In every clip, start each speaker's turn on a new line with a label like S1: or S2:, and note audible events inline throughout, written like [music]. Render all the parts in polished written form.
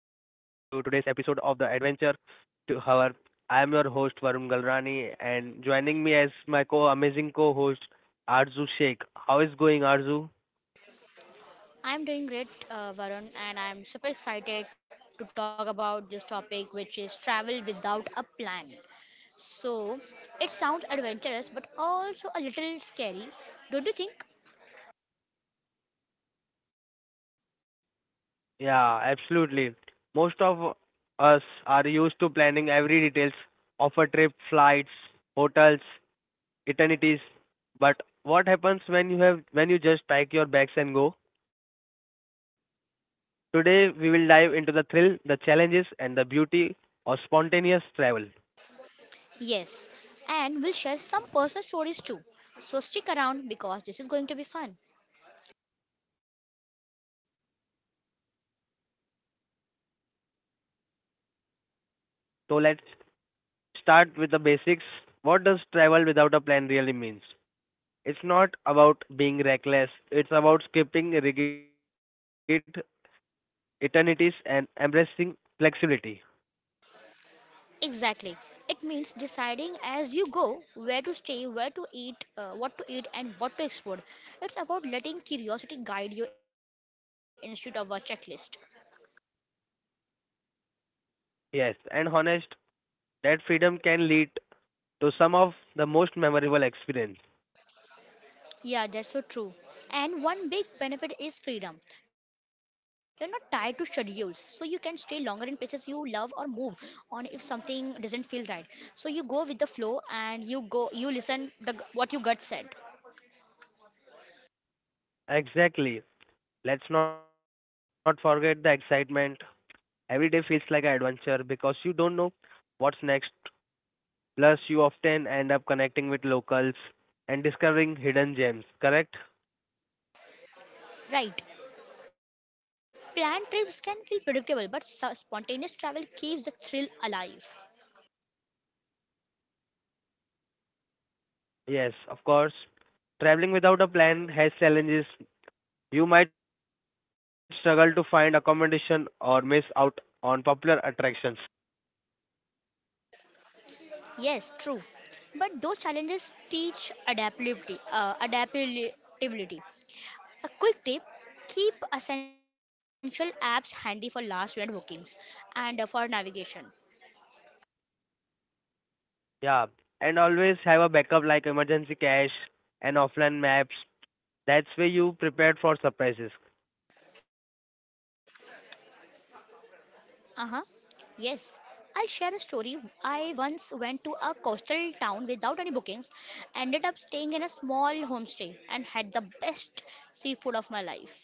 S1: today's episode of the Adventure to Hour. I am your host Varun Galrani and joining me as my co amazing co-host Arzu Sheikh. How is going Arzu?
S2: I'm doing great, Varun, and I'm super excited to talk about this topic, which is travel without a plan. So, it sounds adventurous but also a little scary, don't you think?
S1: Yeah, absolutely. Most of us are used to planning every details of a trip, flights, hotels, eternities. But what happens when you just pack your bags and go? Today, we will dive into the thrill, the challenges, and the beauty of spontaneous travel.
S2: Yes, and we'll share some personal stories too. So, stick around because this is going to be fun.
S1: So, let's start with the basics. What does travel without a plan really means? It's not about being reckless, it's about skipping rigid eternities and embracing flexibility.
S2: Exactly. It means deciding as you go where to stay, where to eat, what to eat, and what to explore. It's about letting curiosity guide you instead of a checklist.
S1: Yes, and honest, that freedom can lead to some of the most memorable experience.
S2: Yeah, that's so true. And one big benefit is freedom. You're not tied to schedules, so you can stay longer in places you love or move on if something doesn't feel right. So you go with the flow and you go you listen the what your gut said.
S1: Exactly. Let's not forget the excitement. Every day feels like an adventure because you don't know what's next. Plus, you often end up connecting with locals and discovering hidden gems, correct?
S2: Right. Planned trips can feel predictable, but spontaneous travel keeps the thrill alive.
S1: Yes, of course. Traveling without a plan has challenges. You might struggle to find accommodation or miss out on popular attractions.
S2: Yes, true. But those challenges teach adaptability. Adaptability. A quick tip keep essential apps handy for last minute bookings and for navigation.
S1: Yeah, and always have a backup like emergency cash and offline maps. That's where you prepared for surprises.
S2: Uh huh. Yes. I'll share a story. I once went to a coastal town without any bookings, ended up staying in a small homestay, and had the best seafood of my life.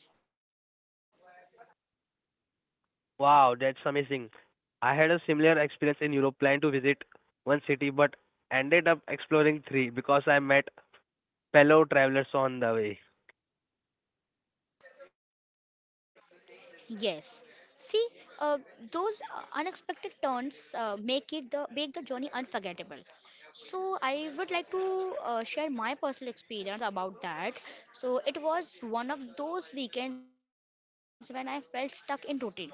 S1: Wow, that's amazing. I had a similar experience in Europe, planned to visit one city but ended up exploring three because I met fellow travelers on the way.
S2: Yes. See, uh, those unexpected turns make it the make the journey unforgettable. So I would like to share my personal experience about that. So it was one of those weekends when I felt stuck in routine.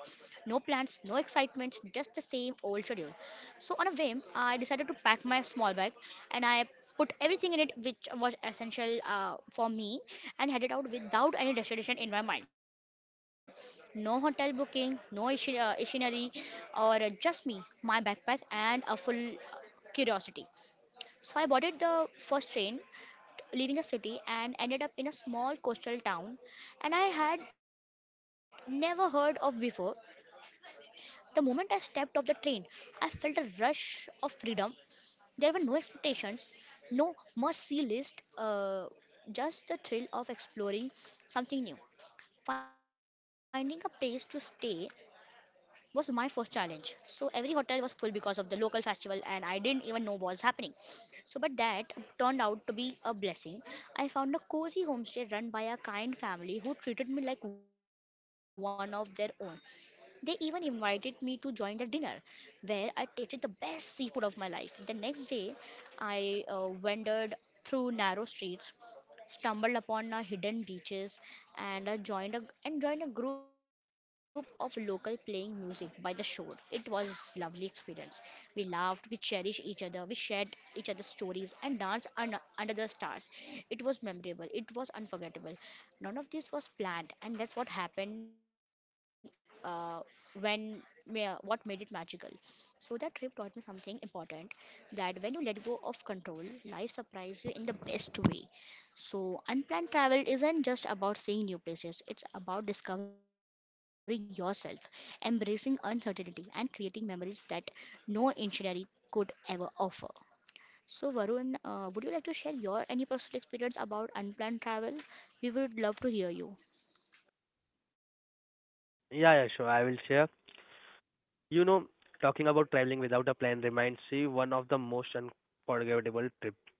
S2: No plans, no excitement, just the same old schedule. So on a whim, I decided to pack my small bag and I put everything in it which was essential for me and headed out without any destination in my mind. No hotel booking, no itinerary, or just me, my backpack, and a full curiosity. So I boarded the first train, leaving the city, and ended up in a small coastal town, and I had never heard of before. The moment I stepped off the train, I felt a rush of freedom. There were no expectations, no must-see list, just the thrill of exploring something new. Finding a place to stay was my first challenge. So every hotel was full because of the local festival and I didn't even know was happening. So but that turned out to be a blessing. I found a cozy homestay run by a kind family who treated me like one of their own. They even invited me to join their dinner where I tasted the best seafood of my life. The next day I wandered through narrow streets stumbled upon a hidden beaches and joined a group of local playing music by the shore. It was lovely experience. We laughed, we cherished each other, we shared each other's stories and danced under the stars. It was memorable. It was unforgettable. None of this was planned, and that's what happened uh, when what made it magical. So that trip taught me something important that when you let go of control, life surprises you in the best way. So, unplanned travel isn't just about seeing new places, it's about discovering yourself, embracing uncertainty, and creating memories that no itinerary could ever offer. So, Varun, would you like to share your any personal experience about unplanned travel? We would love to hear you.
S1: Yeah, yeah, sure, I will share. You know, talking about traveling without a plan reminds me one of the most unforgettable trips.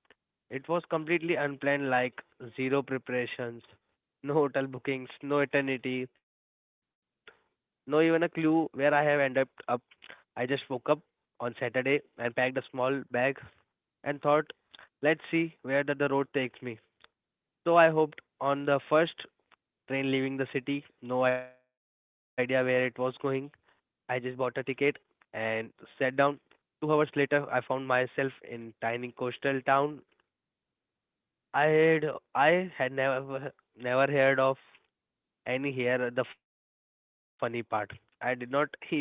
S1: It was completely unplanned, like zero preparations, no hotel bookings, no eternity, no even a clue where I have ended up. I just woke up on Saturday and packed a small bag and thought, let's see where the road takes me. So I hopped on the first train leaving the city, no idea where it was going. I just bought a ticket and sat down. 2 hours later, I found myself in tiny coastal town. I had I had never heard of any here. The funny part, I did not even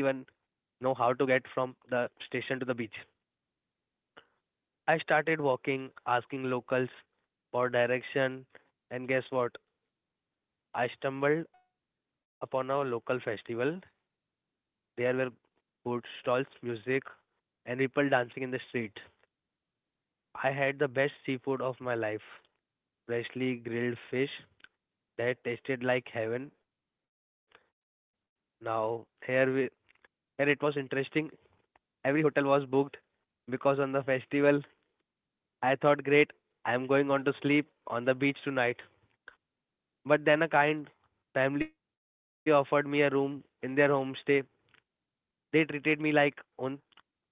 S1: know how to get from the station to the beach. I started walking, asking locals for direction, and guess what? I stumbled upon a local festival. There were food stalls, music, and people dancing in the street. I had the best seafood of my life, freshly grilled fish that tasted like heaven. Now, here it was interesting. Every hotel was booked because on the festival, I thought, great, I'm going on to sleep on the beach tonight. But then a kind family offered me a room in their homestay. They treated me like own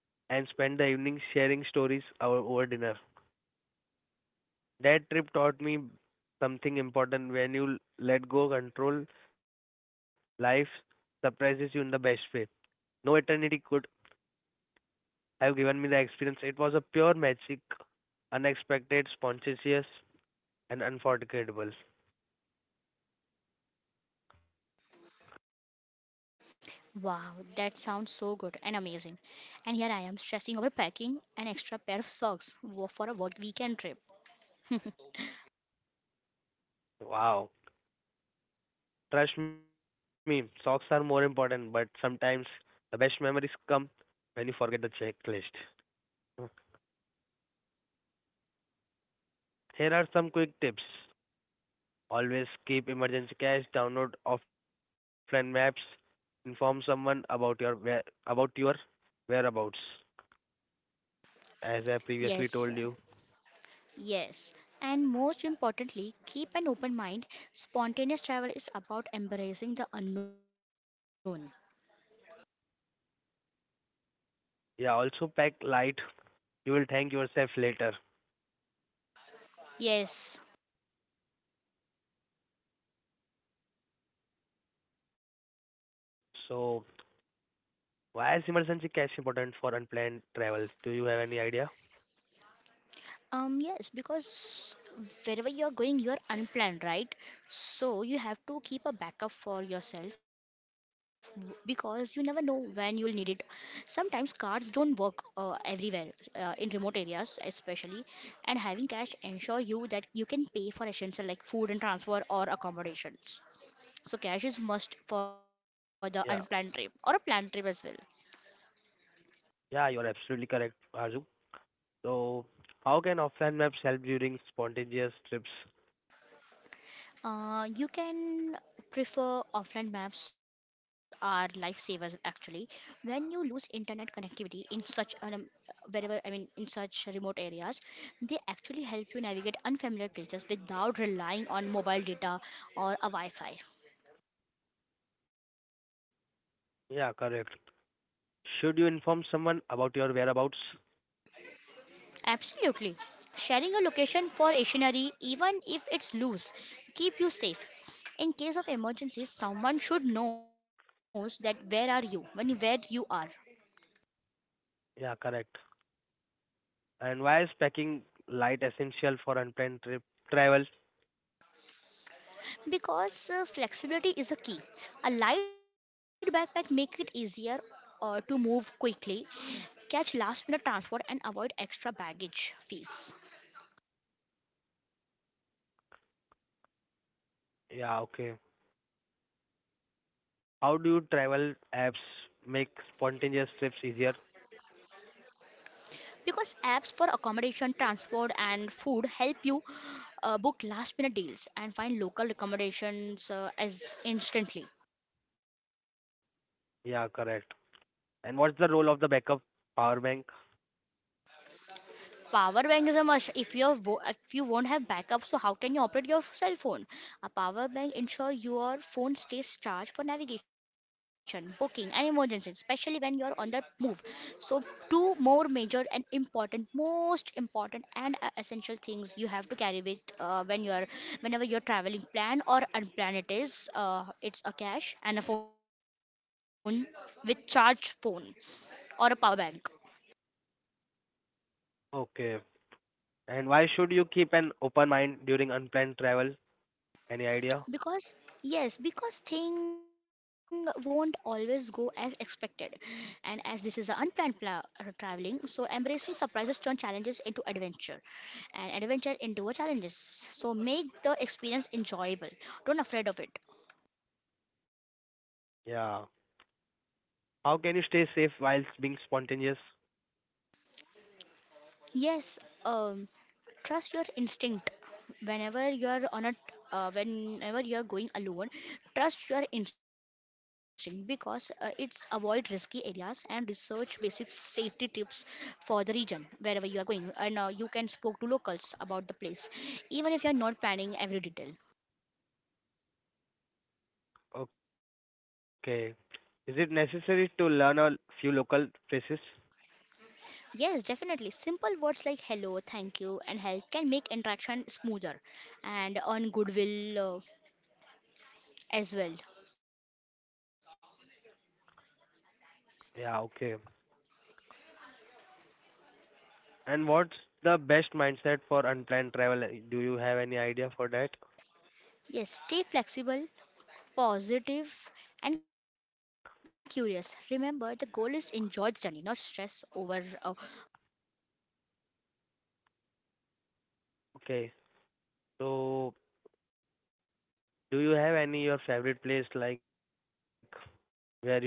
S1: and spent the evening sharing stories over dinner. That trip taught me something important when you let go control, life surprises you in the best way. No eternity could have given me the experience. It was a pure magic, unexpected, spontaneous, and unforgettable.
S2: Wow, that sounds so good and amazing. And here I am stressing over packing an extra pair of socks for a work weekend trip. [laughs]
S1: Wow. Trust me, socks are more important, but sometimes the best memories come when you forget the checklist. Uh, Here are some quick tips. Always keep emergency cash, download offline maps, inform someone about your whereabouts as I previously
S2: Yes,
S1: told you.
S2: yes, and most importantly, keep an open mind. Spontaneous travel is about embracing the unknown.
S1: Yeah, also pack light. You will thank yourself later.
S2: Yes.
S1: So, why is emergency cash important for unplanned travels? Do you have any idea?
S2: Yes, because wherever you're going, you're unplanned, right? So you have to keep a backup for yourself because you never know when you'll need it. Sometimes cards don't work everywhere, in remote areas especially, and having cash ensure you that you can pay for essential like food and transfer or accommodations. So cash is
S1: Yeah.
S2: must for the unplanned trip or a planned trip as well.
S1: Yeah, you are absolutely correct, Arzu. So, how can offline maps help during spontaneous trips?
S2: You can prefer offline maps are lifesavers actually. When you lose internet connectivity in such an wherever I mean in such remote areas, they actually help you navigate unfamiliar places without relying on mobile data or a Wi-Fi.
S1: Yeah, correct. Should you inform someone about your whereabouts?
S2: Absolutely. Sharing a location for stationery, even if it's loose, keep you safe. In case of emergencies, someone should know that where are you, when where you are.
S1: Yeah, correct. And why is packing light essential for unplanned trip travel?
S2: Because flexibility is a key. A light backpack make it easier to move quickly, catch last minute transport and avoid extra baggage fees.
S1: Yeah, okay. How do you travel apps make spontaneous trips easier?
S2: Because apps for accommodation, transport, and food help you book last minute deals and find local accommodations as instantly.
S1: Yeah, correct. And what's the role of the backup power bank?
S2: Power bank is a must. If you won't have backup, so how can you operate your cell phone? A power bank ensure your phone stays charged for navigation, booking, and emergencies, especially when you're on the move. So two more major and important, most important and essential things you have to carry with whenever you're traveling, plan or unplanned. It is it's a cash and a phone with charged phone or a power bank.
S1: Okay. And why should you keep an open mind during unplanned travel? Any
S2: Because
S1: idea?
S2: yes because thing won't always go as expected and as this is an unplanned traveling so embracing surprises turn challenges into adventure and adventure into a challenges so make the experience enjoyable don't afraid of it.
S1: Yeah. How can you stay safe whilst being spontaneous?
S2: Yes, um, trust your instinct. Whenever you're on a, whenever you're going alone, trust your instinct because it's avoid risky areas and research basic safety tips for the region wherever you are going, and you can spoke to locals about the place, even if you're not planning every detail.
S1: Okay. Is it necessary to learn a few local places?
S2: Yes, definitely. Simple words like hello, thank you, and help can make interaction smoother and earn goodwill as well.
S1: Yeah, okay. And what's the best mindset for unplanned travel? Do you have any idea for that?
S2: Yes, stay flexible positive and curious. Remember, the goal is enjoy the journey, not stress over.
S1: Okay. So, do you have any your favorite place like where you have to go for?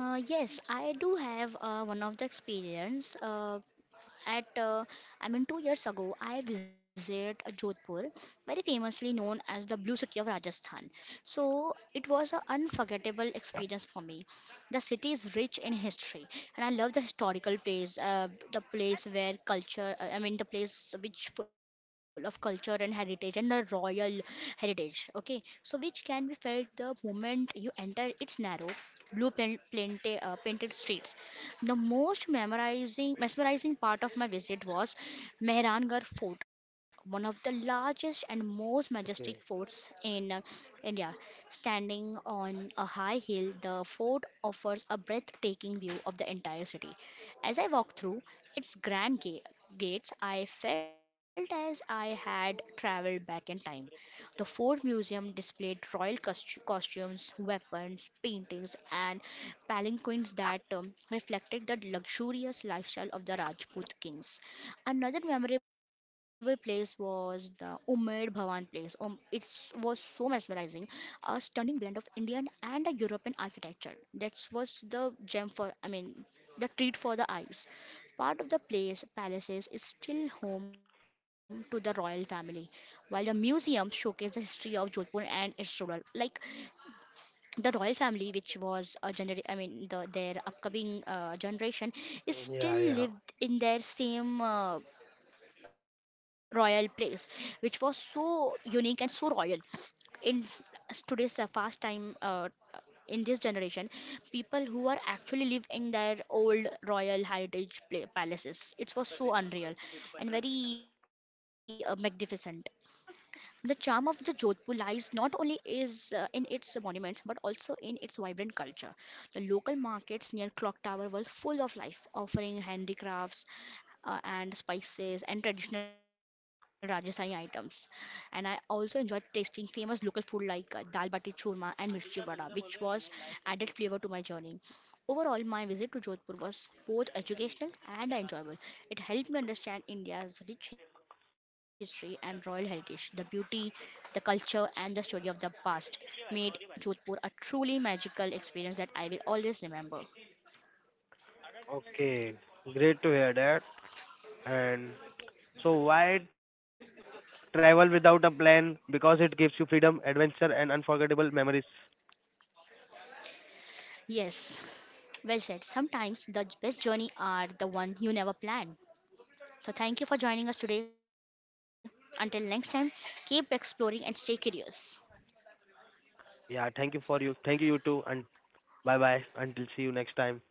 S2: Yes, I do have one of the experience. At uh, 2 years ago, I visited Jodhpur, very famously known as the Blue City of Rajasthan. So it was an unforgettable experience for me. The city is rich in history, and I love the historical place, the place where culture, the place which full of culture and heritage and the royal heritage. Okay, so which can be felt the moment you enter its narrow blue painted, painted streets the most mesmerizing part of my visit was Mehrangarh Fort, one of the largest and most
S1: Okay.
S2: majestic forts in India. Standing on a high hill, the fort offers a breathtaking view of the entire city. As I walked through its grand gates, I felt as I had traveled back in time. The Ford Museum displayed royal costumes, weapons, paintings, and palanquins that reflected the luxurious lifestyle of the Rajput kings. Another memorable place was the Umaid Bhawan place. It was so mesmerizing, a stunning blend of Indian and a European architecture. That was the gem the treat for the eyes. Part of the place, palaces is still home to the royal family, while the museum showcase the history of Jodhpur and its ruler. Like the royal family, which was a the, their upcoming generation, is still lived
S1: Yeah,
S2: in
S1: yeah.
S2: their same royal place, which was so unique and so royal. In today's fast time, in this generation, people who are actually live in their old royal heritage palaces. It was so unreal and very magnificent. The charm of the Jodhpur lies not only is in its monuments but also in its vibrant culture. The local markets near Clock Tower were full of life, offering handicrafts and spices and traditional Rajasthani items. And I also enjoyed tasting famous local food like dal bati churma and mirchi vada, which was added flavor to my journey. Overall, my visit to Jodhpur was both educational and enjoyable. It helped me understand India's rich history and royal heritage, the beauty, the culture, and the story of the past, made Jodhpur a truly magical experience that I will always remember.
S1: Okay. Great to hear that. And so why travel without a plan? Because it gives you freedom, adventure and unforgettable memories.
S2: Yes, well said. Sometimes the best journey are the one you never plan. So thank you for joining us today. Until next time, keep exploring and stay curious.
S1: Yeah, thank you for you. Thank you too and bye bye. Until see you next time.